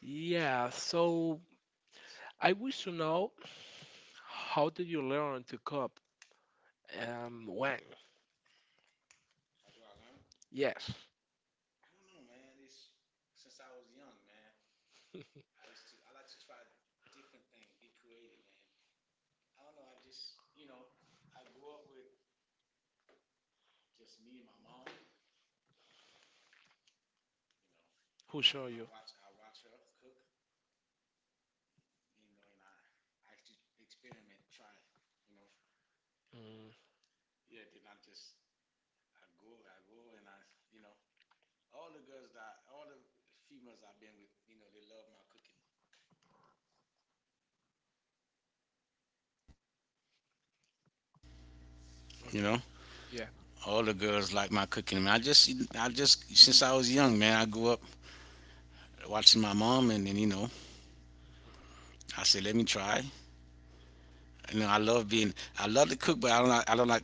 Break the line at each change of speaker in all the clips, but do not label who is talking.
Yeah, so I wish to know how did you learn to cook and when? Yes, who show you? Mm,
You
okay,
know,
yeah.
all the girls like my cooking. Man, I just since I was young, man, I grew up watching my mom, and then you know, I said, let me try. You know, I love to cook, but I don't like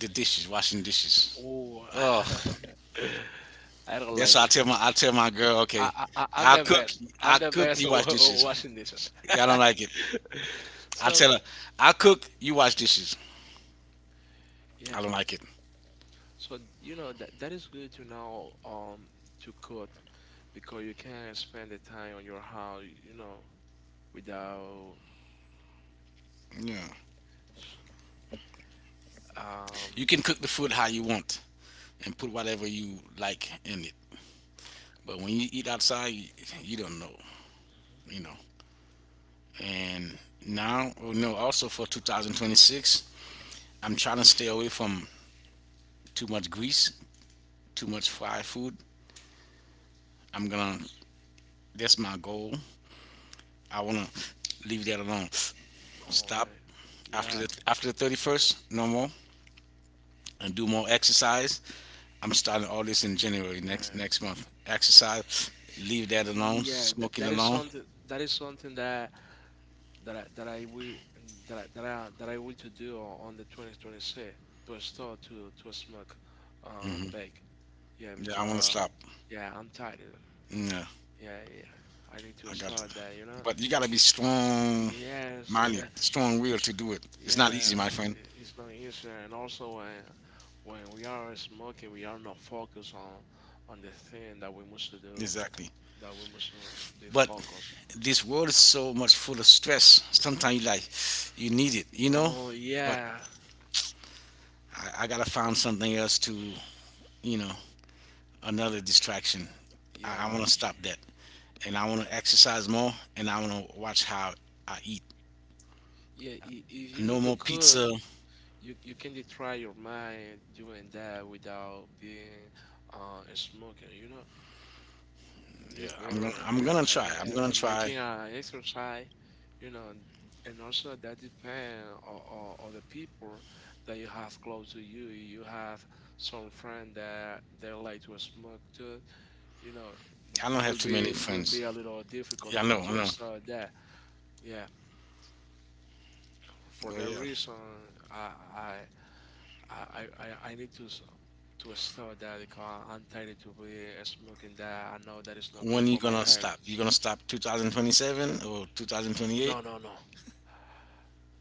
the dishes, washing dishes.
Oh,
Oh,
I don't
that's
like
why
this.
I tell my girl, okay,
I'm
I
the
cook,
best. I'm
I
the
cook,
best
you
at
wash dishes.
washing dishes.
Yeah, I don't like it. I
So,
tell her, I cook, you wash dishes.
yeah.
I don't like it.
So you know that is good to know to cook because you can't spend the time on your house, you know, without
Yeah. You
um.
can cook the food how you want and put whatever you like in it. But when you eat outside, you don't know,
Mhm.
you know. And now, oh no, also for 2026, I'm trying to stay away from too much grease, too much fried food. I'm gonna, that's my goal. I wanna leave that alone.
Oh,
Stop
okay.
after
Yeah.
the 31st, no more, and do more exercise. I'm starting all this in January next
Yes.
next month. Exercise, leave that alone.
Yeah,
Smoking
that is
alone.
something that is something that I, that I will that I, that I, that I will to do on the 2026 to start to smoke bake. Yeah,
Yeah, I wanna
because
stop.
yeah, I'm tired.
Yeah,
Yeah, yeah. I need
I
to
got to.
start that, you know?
But you gotta be strong
Yes,
minded, strong will to do it. It's not
yeah,
easy, my friend.
it's not easy. And also, when we are smoking, we are not focused on the thing that we must to do, fo-
Exactly.
that we must to be
But
focused.
this world is so much full of stress. Sometimes you like you need it, you know.
Oh
But
yeah,
I gotta find something else to, you know, another distraction. I
yeah,
want to stop that, and I want to exercise more, and I want to watch how I eat.
yeah. If you know
No
to
more
cook,
pizza.
you can try your mind doing that without being smoking. You know?
Yeah,
It's better
I'm gonna
and
try.
making a exercise, you know, and also that depends on, on the people that you have close to you. You have some friend that they like to smoke too, you know,
I don't have too many
will
friends.
be a little difficult
Yeah, I know. I
to
know.
start that. Yeah, for
Oh
that
yeah.
reason, I I I I, I need to to a store that it I'm tired to be smoking that I know that it's not good
When you
for my
gonna
health.
stop? You gonna stop 2027 or 2028?
No, no, no.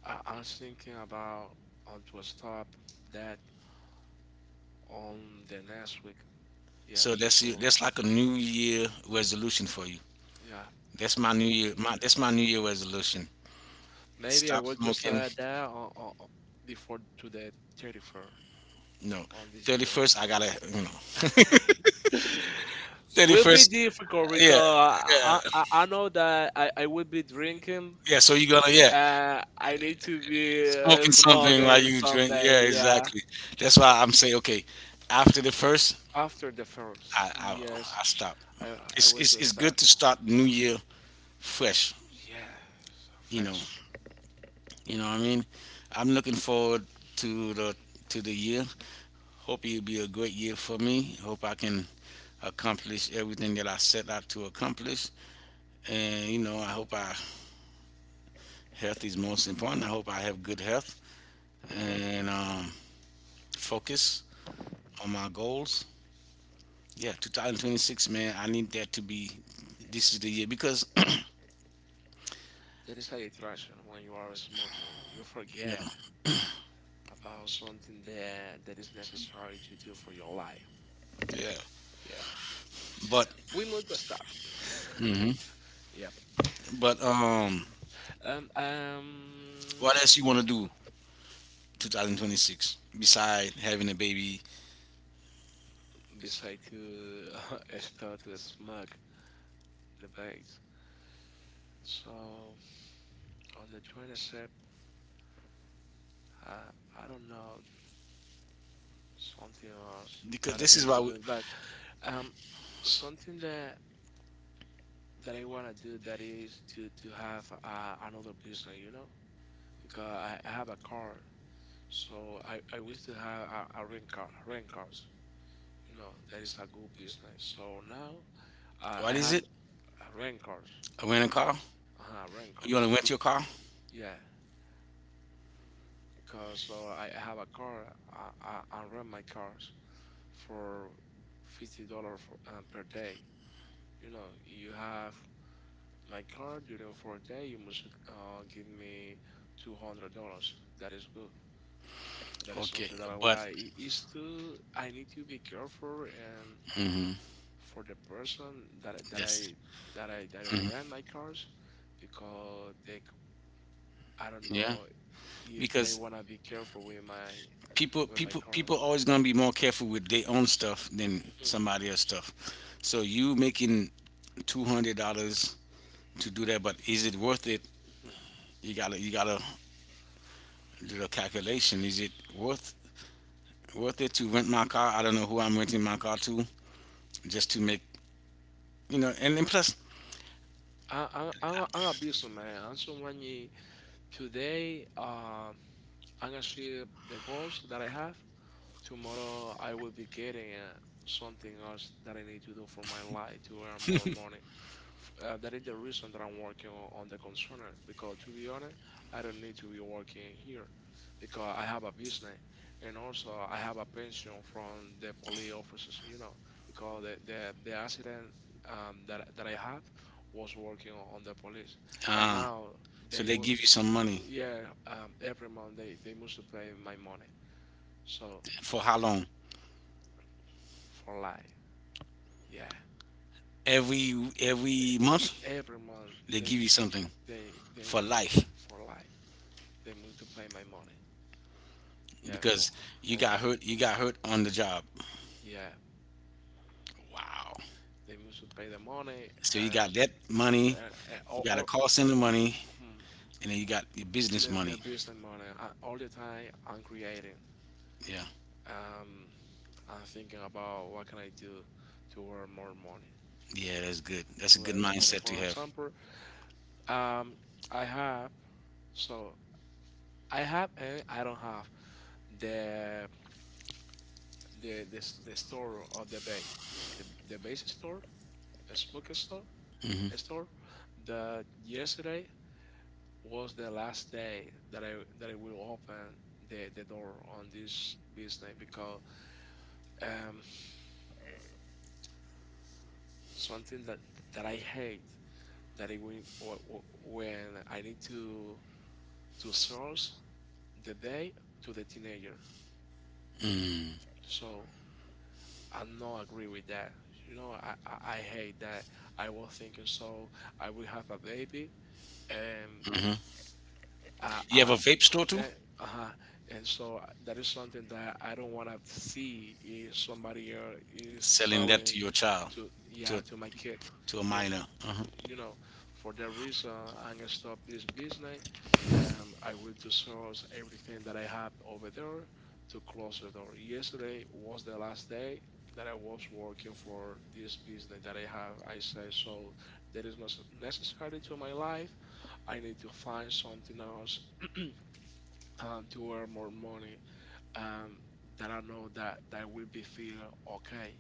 I was thinking about on to stop that on the next week. Yeah.
So that's you.
Well,
That's like a New Year resolution for you.
yeah.
That's my New Year. My that's my New
M-
Year resolution.
Maybe I
Stop
want to
smoking.
start that on- before to the 31st
No,
on this year.
31st. I gotta
will be
31st.
difficult
Yeah,
because
yeah,
I know that I will be drinking.
yeah. So you gonna yeah
I need to be
smoking something while
smoking
you drink. Yeah,
someday. Yeah,
exactly. That's why I'm saying okay. After the first,
after the first.
I I,
Yes,
I stop.
I I
it's,
will
it's
do
it's good
that.
to start new year fresh.
Yeah,
You know,
fresh.
you know what I mean. I'm looking forward to the to the year. Hope it'll be a great year for me. Hope I can accomplish everything that I set out to accomplish. And you know, I hope I health is most important. I hope I have good health and focus on my goals. Yeah, 2026, man. I need that to be. This is the year because
There is a distraction when you are smoking. You
yeah,
forget about something that is necessary to do for your life.
yeah.
Yeah,
But
we move to a stop.
hmm
Yeah.
but
Um, um,
what else you want to do? 2026 beside having a baby
beside to start to smug debates. So on the 27th, um, I don't know something else
because
that I
this is
need to
why we,
do, but um, something that I wanna do that is to have another business, you know, because I have a car, so I wish to have a rent car, rent cars, you know, that is a good business. So now I
what is
have
it
a rent cars.
a rental car
Uh-huh, rent
you want
cars.
to rent your car
Yeah, because so I have a car. I rent my cars for $50 for per day. You know, you have my car during for a day. You must give me $200. That is good. That is
okay
something that I
but
like. It is to I need to be careful and
mhm,
for the person
yes
that I rent my cars because they I don't
yeah
know if they
because
wanna be careful
people
with my
people
car.
people always gonna be more careful with their own stuff than
Mhm.
somebody else's stuff so you making $200 to do that but is it worth it
Mhm.
you gotta did a calculation. Is it worth it to rent my car? I don't know who I'm renting my car to, just to make you know. And then plus,
I'm, I'm a business man. I'm someone you, today, I'm gonna see the goals that I have. Tomorrow, I will be getting something else that I need to do for my life to earn more money. That is the reason that I'm working on the concerner because to be honest, I don't need to be working here because I have a business and also I have a pension from the police officers, you know, because the accident that I had was working on the police and
uh,
now
so
they
they
move,
give you some money
yeah, every month they must to pay my money. So
for how long?
for life, yeah.
Every every month
Every month
they give you something
they
for life
for life they multiply my money. Yeah,
because you
for
got
life.
hurt. You got hurt on the job.
Yeah,
Wow.
they multiply the money
So you got that
and
money. You got
all
a call center money,
hmm,
and then you got your business
the
money.
business money. I, all the time I'm creating.
Yeah.
Um, I'm thinking about what can I do to earn more money.
Yeah, that's good. That's a
To
good
earn more money.
mindset to
For
have.
example, um, I have so. I have and I don't have the the, the store of the bay, the base store, a smoke store,
Mm-hmm.
a store. The yesterday was the last day that I will open the door on this business because um something that I hate that it when when I need to source the day to the teenager.
Mm-hmm.
So I not agree with that. You know, I hate that. I was thinking so I will have a baby and
Mm-hmm. You
I
have a vape store too?
that uh-huh and so that is something that I don't want to see if somebody else is
Selling that
selling
to your child,
to yeah
to a,
to my kid,
to a
you know,
minor. Uh,
you know, for that reason, I'm gonna stop this business. Um, I will source everything that I have over there to close the door. Yesterday was the last day that I was working for this business that I have. I say so that is not necessary to my life. I need to find something else, to earn more money, and that I know that that will be feel okay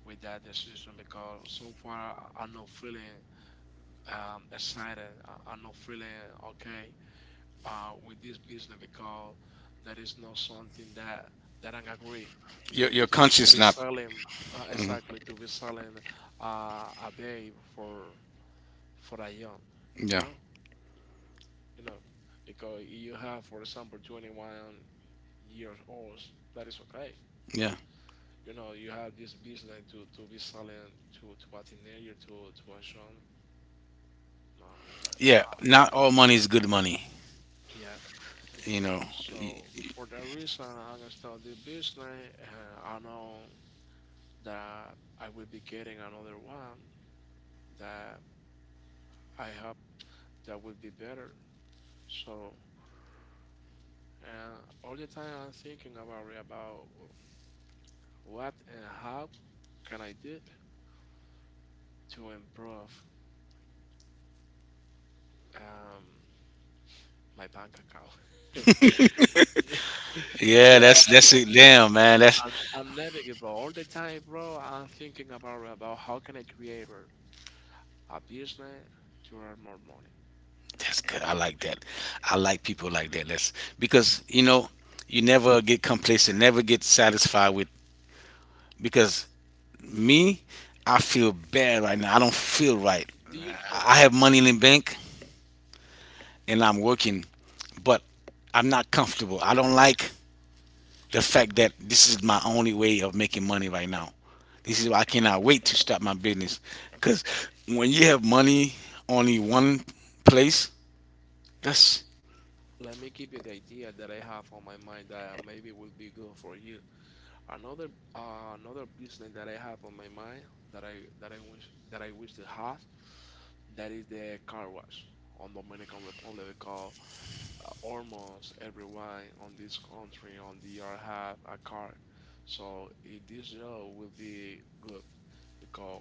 with that decision because so far I'm not feeling excited. I'm not feeling okay with this business because that is not something that I agree
your
to be
conscience not.
selling
Mhm.
exactly to be selling a babe for a young, you
Yeah,
know, you know. Because you have, for example, 21 years old, that is okay. But
yeah,
you know, you have this business to be selling to a teenager, to a son, no, that,
yeah. Not all money is good money.
yeah.
You know.
So for that reason, I'm gonna start the business, and I know that I will be getting another one that I hope that will be better. So, and all the time I'm thinking about it, about what and how can I do to improve um, my bank account. I'm,
Yeah, that's it. Damn, man,
I'm navigable all the time, bro. I'm thinking about how can I create a business to earn more money.
that's good. I like that. I like people like that. That's because you know you never get complacent, never get satisfied with because me, I feel bad right now. I don't feel right.
Do you know?
I have money in the bank and I'm working, but I'm not comfortable. I don't like the fact that this is my only way of making money right now. This is why I cannot wait to start my business. Because when you have money only one place, that's
Let me give you the idea that I have on my mind that maybe will be good for you. Another another business that I have on my mind that I wish to have that is the car wash on Dominican Republic. Almost everyone on this country on the year have a car. So it, this year will be good because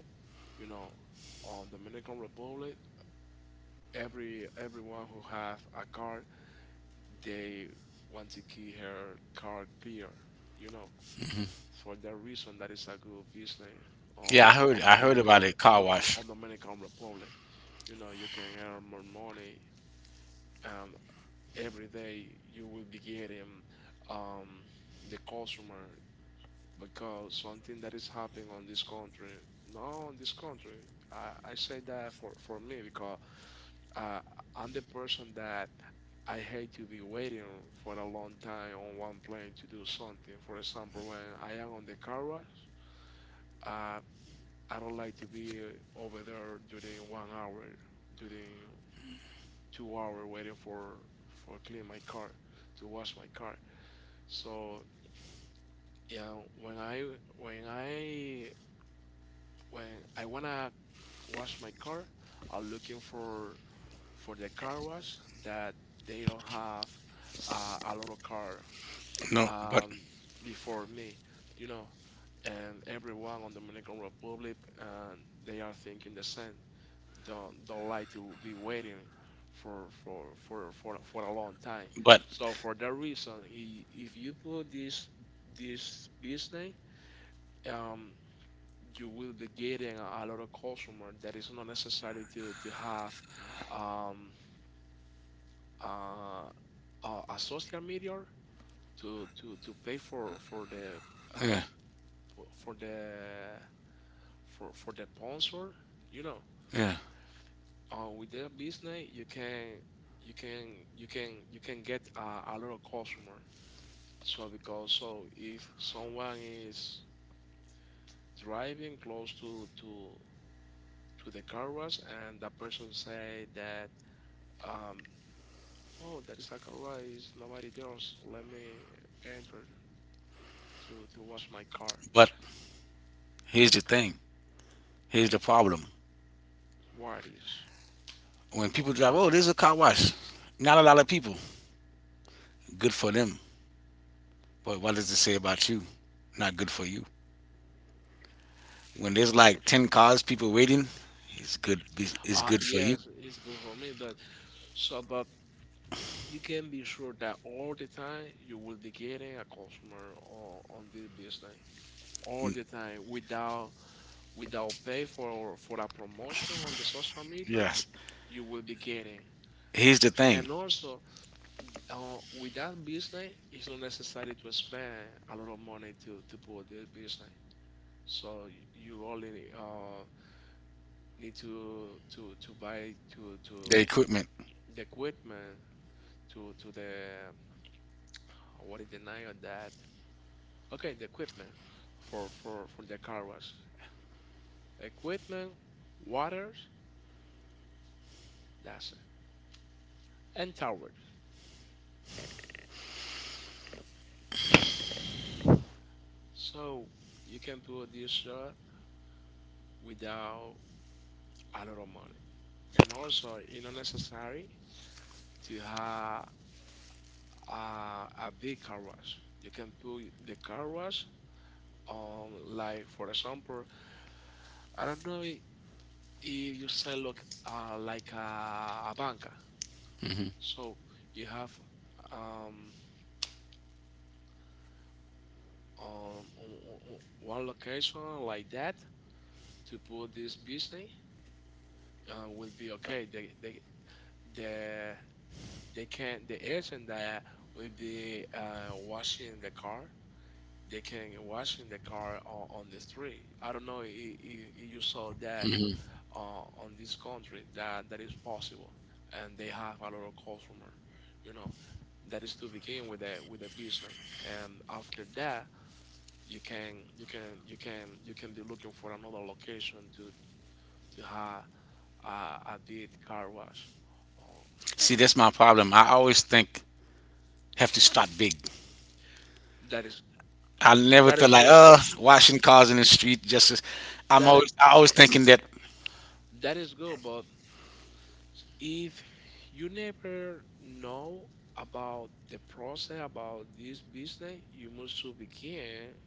you know on Dominican Republic everyone who have a car they want to keep her car clear, you know. For that reason that is a good business on
yeah.
on
I heard
Dominican
about it.
on the
Car
on
wash.
Dominican Republic. You know, you can earn more money. Um, every day you will be getting um, the customer because something that is happening on this country, no, on this country, I say that for me because uh, I'm the person that I hate to be waiting for a long time on one plane to do something. For example, when I am on the car wash, uh, I don't like to be over there during 1 hour, during 2 hour waiting for clean my car, to wash my car. So yeah, when I when I when I wanna wash my car, I'm looking for the car wash that they don't have a lot of car
No, but
um, before me, you know. And everyone on Dominican Republic, they are thinking the same. Don't like to be waiting for a long time.
But
So for that reason, if you put this business, um you will be getting a lot of customer that is not necessary to have um, uh, a social media to pay for the
yeah,
uh, for the for the sponsor, you know,
yeah.
with that business you can you can get a lot of customer. So because so if someone is driving close to the car wash and that person say that um, oh, that is a garage. Nobody there. So let me enter to wash my car.
But here's the thing. Here's the problem.
What is
When
the
people
problem?
drive, oh, there's a car wash. Not a lot of people. Good for them. But what does it say about you? Not good for you. When there's like ten cars, people waiting, it's good. It's good for you.
Yes, it's good for me that. So, but you can be sure that all the time you will be getting a customer on this business all the time without without pay for a promotion on the social media
Yes.
you will be getting.
Here's the thing.
And also, with that business, it's not necessary to spend a lot of money to put this business. You only need to buy to
The equipment.
the equipment to the what is the name of that? Okay, the equipment for the car wash. Equipment, waters, that's it, and towers. So you can do this job without a lot of money, and also it's not necessary to have a big car wash. You can put the car wash on, like for example, I don't know I- if you say look like a banker. So you have um, on one location like that to put this business will be okay. They the they can the agent that will be washing the car. They can washing the car on the street. I don't know if you saw that
Hmm.
on this country that that is possible, and they have a lot of customer, you know. That is to begin with a business, and after that, you can be looking for another location to have a, a big car wash. Uh,
See, that's my problem. I always think have to start big.
that is
I never
that
feel
is
like,
good.
washing cars in the street. Just, as-
That
I always thinking that.
that is good, but if you never know about the process about this business, you must to begin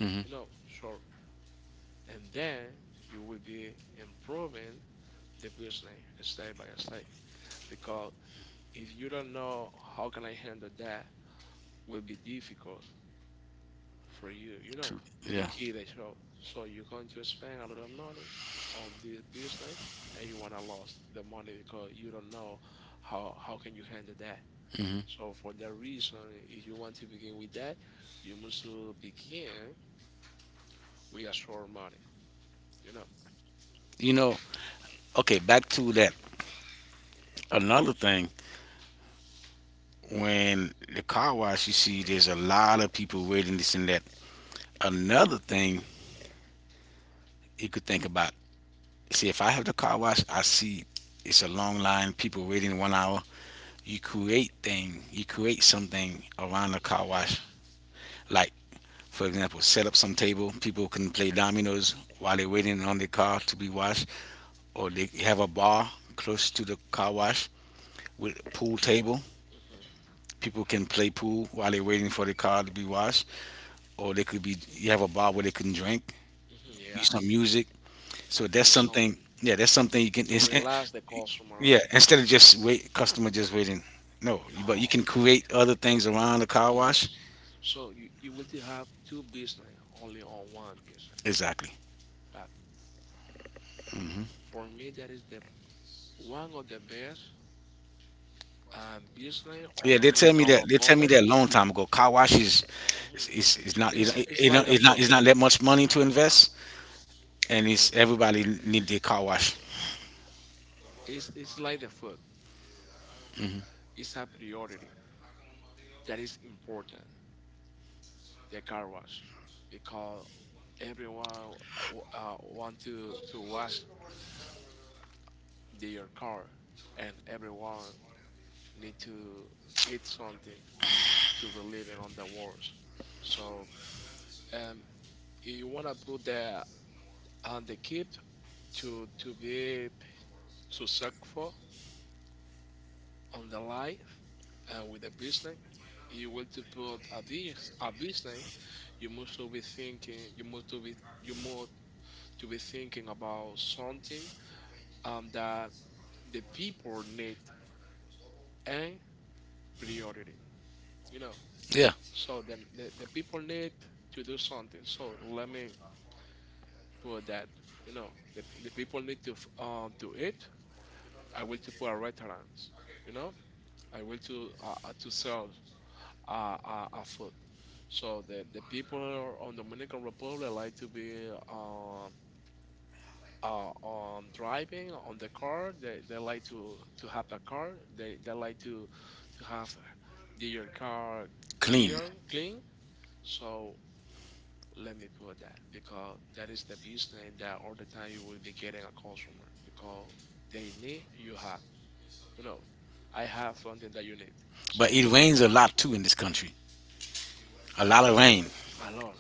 Mhm.
you know, so and then you will be improving the business step by step because if you don't know how can I handle that, will be difficult for you, you know,
Yeah.
to keep the show. So you're going to spend a lot of money on this business and you wanna lose the money because you don't know how can you handle that.
Mm-hmm.
So for that reason, if you want to begin with that, you must begin with a short money, you know.
You know. Okay. Back to that. Another thing when the car wash, you see there's a lot of people waiting this and that. Another thing you could think about, see if I have the car wash, I see it's a long line, people waiting 1 hour. You create thing, you create something around the car
Better.
wash. Like for example, set up some table, people can play dominoes while they're waiting on their car to be washed, or they have a bar close to the car wash with a pool table.
Hmm.
People can play pool while they're waiting for the car to be washed or they could be you have a bar where they can drink,
Hmm,
be
yeah.
some music. So that's
With some
something. Yeah, that's something you can.
to
It's, eh,
relax the customer.
yeah, instead of just wait, customer just waiting. No, you- but you
No.
can create other things around the car
Yeah.
wash.
So you will to have two business only on one business.
Exactly.
Uh, for me, that is the one of the best business
Yeah,
on
they tell me
Dominican
that. They tell me
Republic.
that a long time ago.
Mhm.
Is
It's
it not
like the food.
it's not that much money to invest, and it's everybody need their car wash.
It's like the food. It's a priority that is important. The car wash, because everyone want to wash their car, and everyone need to eat something to be living on the world. So, um, you wanna put the on the kid to be successful on the life and with the business. You want to put a business. You must to be thinking. You must to be thinking about something that the people need and priority, you know.
Yeah,
So then the people need to do something. So let me put that, you know, the people need to to eat. I will to put a restaurant, you know. I will to sell food. So the people on Dominican Republic like to be driving on the car. They like to have a car. They like to have their car
clean.
clear clean. So let me put that because that is the business that all the time you will be getting a customer because they need you have. You know, I have something that you need.
But
So
it rains a lot too in this country. A lot of rain.
a lot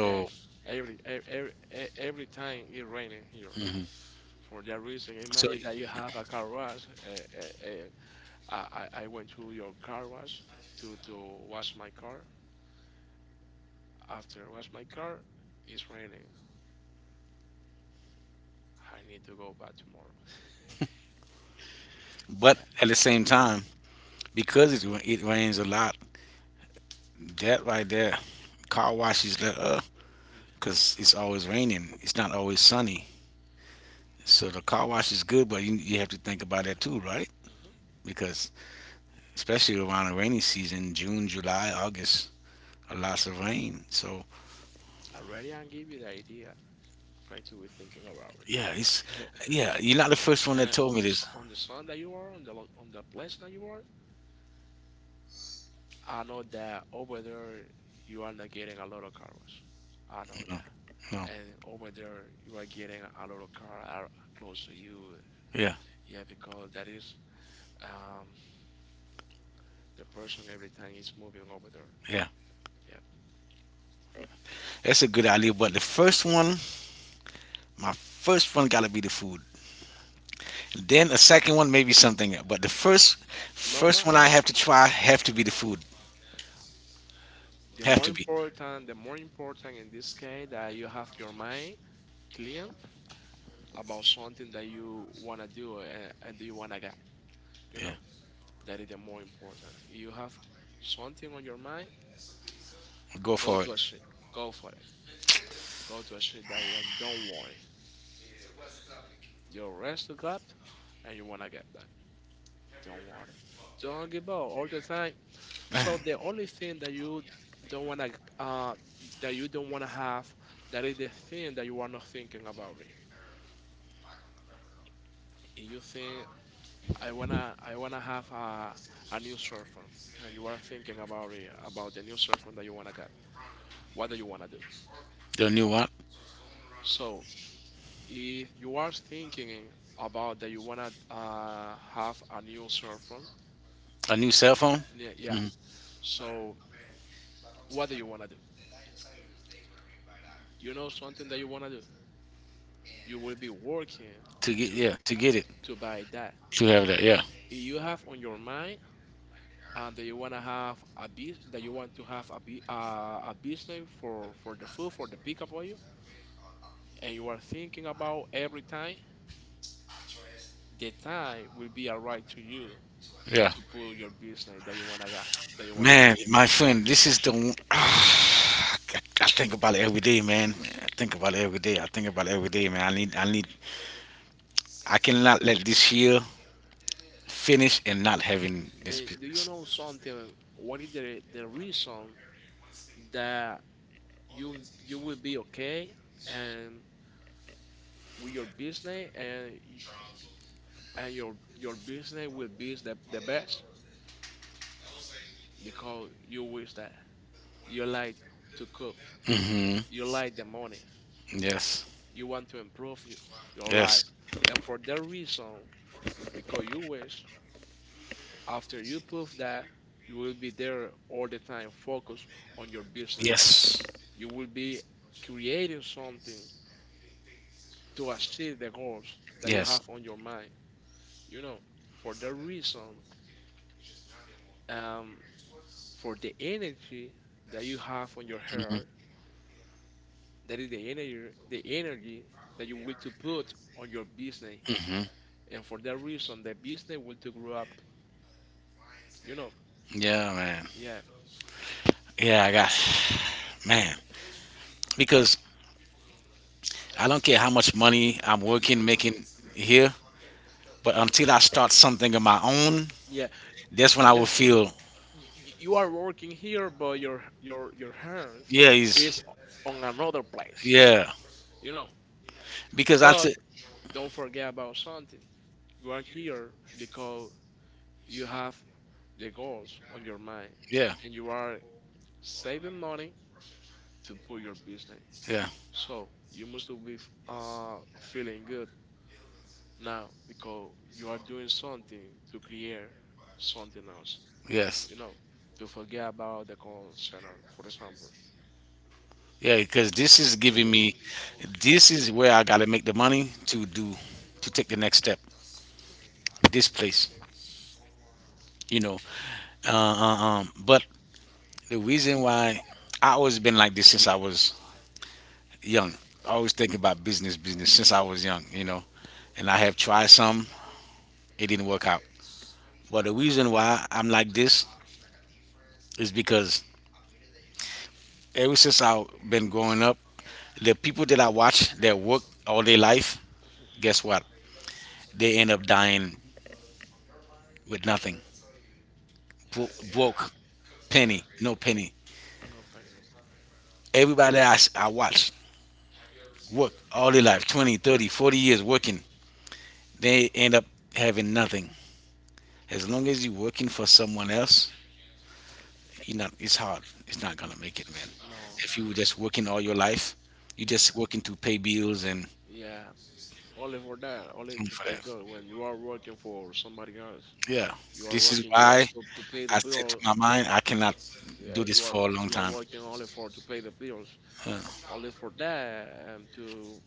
rain. Every time it raining here. For that reason,
so,
imagine that you have a car wash. I went to your car wash to wash my car. After wash my car, it's raining. I need to go back tomorrow.
but
Yeah.
at the same time, because it rains a lot, that right there, car washes is up cause it's always raining. It's not always sunny. So the car wash is good, but you have to think about that too, right?
Yeah.
Because especially around the rainy season, June, July, August, a lots of rain. So
Already, I give you the idea. Try to be thinking about
yeah, it's
it.
yeah. You're not the first one that
And
told
on
me
the
this.
on the sun that you are, on the on the place that you are, I know that over there you are not getting a lot of car wash. I know
No,
that.
no.
And over there you are getting a lot of car are close to you.
Yeah,
Yeah, because that is um the person every time is moving over there.
yeah.
Yeah.
That's a good idea. But the first one, my first one gotta be the food. Then a second one maybe something. But the first
No,
first
no.
one I have to try have to be the food. Have to be.
The more important in this case that you have your mind clean about something that you wanna do and you wanna get. You
Yeah.
know that is the more important. You have something on your mind,
Go
go
for it.
to a shit, go for it, go to a shit that and don't worry. You rest to God and you wanna get that. Don't worry. Don't give up all the time. So the only thing that you don't wanna uh that you don't wanna have that is the thing that you are not thinking about it. If you think I wanna have a new cell phone. And you are thinking about it, about the new cell phone that you wanna get. What do you wanna do?
The new what?
So if you are thinking about that you wanna have a new cell phone,
A new cell phone?
yeah. Yeah. So what do you wanna do? You know something that you wanna do. You will be working
To get
to
yeah, to get it.
to buy that.
To have that, yeah.
If you have on your mind and that you wanna have a bus that you want to have a bu- a business for the food for the pickup and you are thinking about every time, the time will be alright to you
Yeah.
to put your business that you wanna got, that you wanna have.
Man, my friend, this is the one. I think about it every day, man. I think about it every day. I think about it every day, man. I need, I cannot let this year finish and not having this
And do you
business.
know something? What is the reason that you will be okay and with your business and your business will be the best because you wish that you like to cook,
Hmm.
you like the money,
Yes,
you want to improve you, your
yes,
life, and for that reason, because you wish after you prove that, you will be there all the time, focused on your business.
yes,
You will be creating something to achieve the goals that you
yes.
have on your mind. You know, for that reason, um, for the energy that you have on your hair, that is the energy that you will to put on your business. And for that reason, the business will to grow up. You know,
Yeah, man.
yeah,
Yeah, I got, man. Because I don't care how much money making here, but until I start something of my own,
yeah.
that's when I will feel,
You are working here, but your hands
yeah,
is
he's,
on another place.
yeah.
You know,
Because I
but
said,
don't forget about something. You are here because you have the goals on your mind,
yeah.
and you are saving money to put your business.
Yeah.
So you must to be feeling good now because you are doing something to create something else.
Yes.
You know, to forget about the call center, for example,
Yeah. Because this is
to put
giving
your
me, this is where I gotta make the money to do, to take the next step. This place, you know. But the reason why I always been like this since I was young. I always think about business, business since I was young, you know. And I have tried some, it didn't work out. But the reason why I'm like this is because ever since I've been growing up, the people that I watch that work all their life, guess what? They end up dying with nothing. Bo- broke, penny, no penny.
no pain.
Everybody I watch work all their life 20, 30, 40 years working. They end up having nothing. As long as you're working for someone else, you're not, it's hard. It's not going to make it, man.
No.
If you were just working all your life, you're
Yeah.
just working to pay bills
Yeah. Only for that. Only
and
to
for
pay
that.
bill. When you are working for somebody else,
Yeah.
you are
This is
working just
why
for, to pay the
I said to
bill.
my mind, I cannot
Yeah,
do this for a long
you are
time.
working only for to pay the bills.
Yeah.
Only for that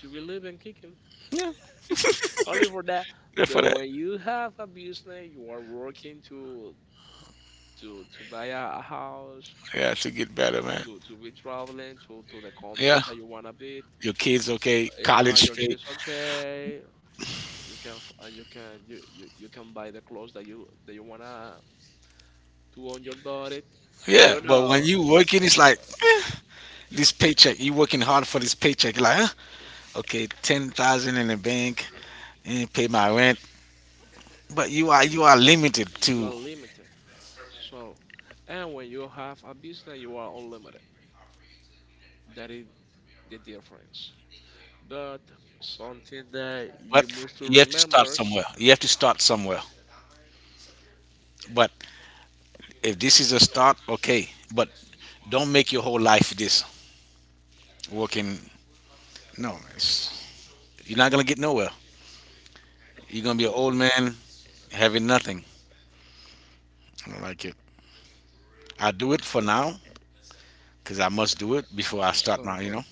to relieve and kicking.
Yeah.
Only for that.
Yeah, for
But
that.
when you have a business, you are working to buy a house.
Yeah, to get better, man.
To be traveling to the
Yeah.
country that you wanna be.
Your kids, okay.
Yeah,
College
your
pay.
kids okay. You can you can you you can buy the clothes that you wanna put on your body.
Yeah,
You
but when
know,
you working, it's like eh, this paycheck. You working hard for this paycheck. You're like, huh? Okay, 10,000 in the bank, and pay my rent. But you are limited
you are
to.
limited. So, and when you have a business, you are unlimited. That is the difference. But something that you
But
must to
you have to start
remember.
somewhere. You have to start somewhere. But if this is a start, okay. But don't make your whole life this working. No, man, it's, you're not gonna get nowhere. You're gonna be an old man having nothing. I don't like it. I do it for now because I must do it before I start
So,
my. You
but
know.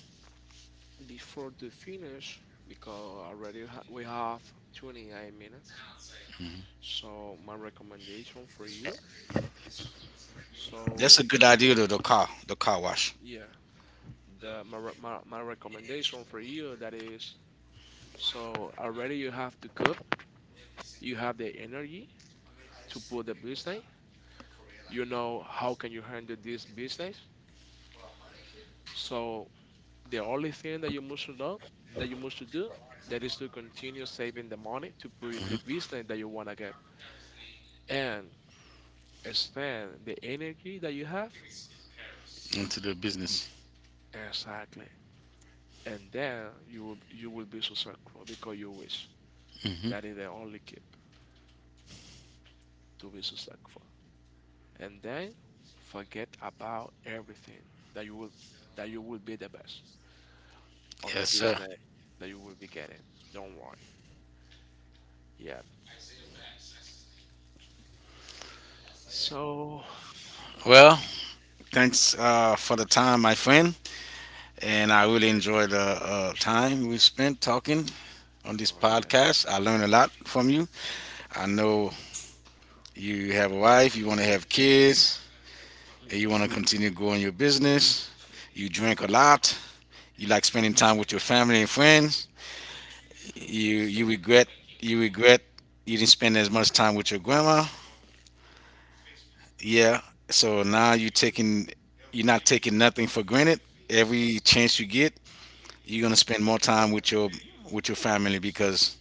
before to finish, because we have 28 minutes. So, my recommendation for you. So,
That's a good idea though, the car wash
yeah. The my recommendation for you that is so already you have to cook you have the energy to put the business you know how can you handle this business so the only thing that you must to know that you must to do that is to continue saving the money to put the business that you want to get and spend the energy that you have
into the business.
exactly and then you will be successful because you wish
Hmm.
that is the only key to be successful and then forget about everything that you will that you will be the best on the
Yes, sir.
business that you will be getting. Don't worry. Yeah. So
Well, thanks for the time, my friend, and I really enjoyed the time we spent talking on this
okay.
podcast. I learned a lot from you. I know you have a wife, you want to have kids, and you want to continue growing your business. You drink a lot. You like spending time with your family and friends. You you regret you regret you didn't spend as much time with your grandma. Yeah. So now you're not taking nothing for granted. Every chance you get, you're gonna spend more time with your family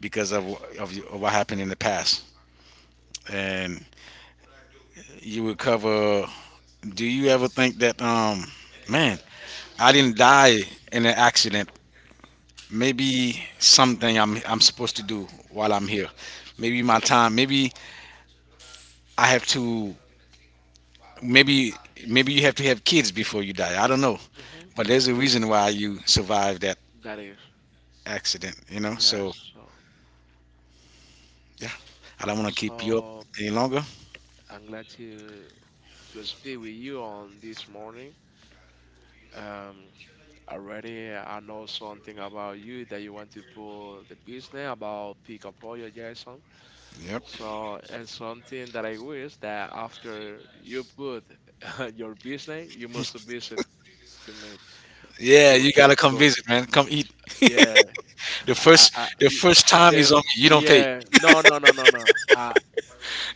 because of wh- of, y- of what happened in the past. And you would cover. Do you ever think that, man, I didn't die in an accident. Maybe something I'm supposed to do while I'm here. Maybe my time. Maybe I have to. Maybe maybe you have to have kids before you die. I don't know.
Hmm.
But there's a reason why you survived that
That is
accident, you know?
yeah.
So,
So
yeah, I don't want to keep you up
so
any longer.
I'm glad to speak with you on this morning. Um, already I know something about you that you want to pull the business about pick up all your Jason.
Yep.
So, and something that I wish that after you put your business, you must visit to me.
Yeah,
To,
you
to,
gotta come
to,
visit, man. Come eat.
yeah, I, I, I,
The
it-
first time
the,
he's on me, you don't pay.
yeah, no.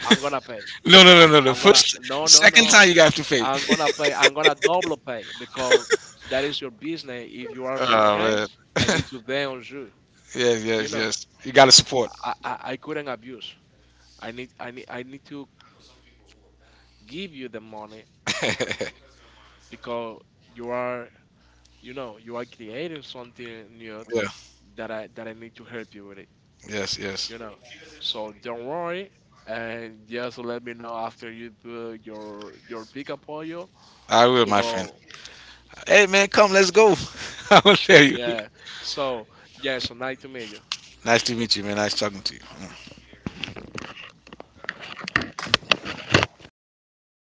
I'm gonna pay.
No, no, no, no. The
I'm gonna,
first, second
no.
time you have to pay.
I'm gonna pay. I'm gonna double pay because that is your business. If you are my friends,
oh
I
man.
need to bet on you.
yes,
You
yes,
know,
yes. You gotta support.
I couldn't abuse. I need to give you the money
yeah.
because you are you know you are creating something new that I need to help you with it.
Yes, yes.
You know, so don't worry and just let me know after you put your pickup oil
I will,
to
my friend.
go.
Hey man, come, let's go. I will tell you.
Yeah. So yeah. So nice to meet you.
Nice to meet you, man. Nice talking to you. Mm.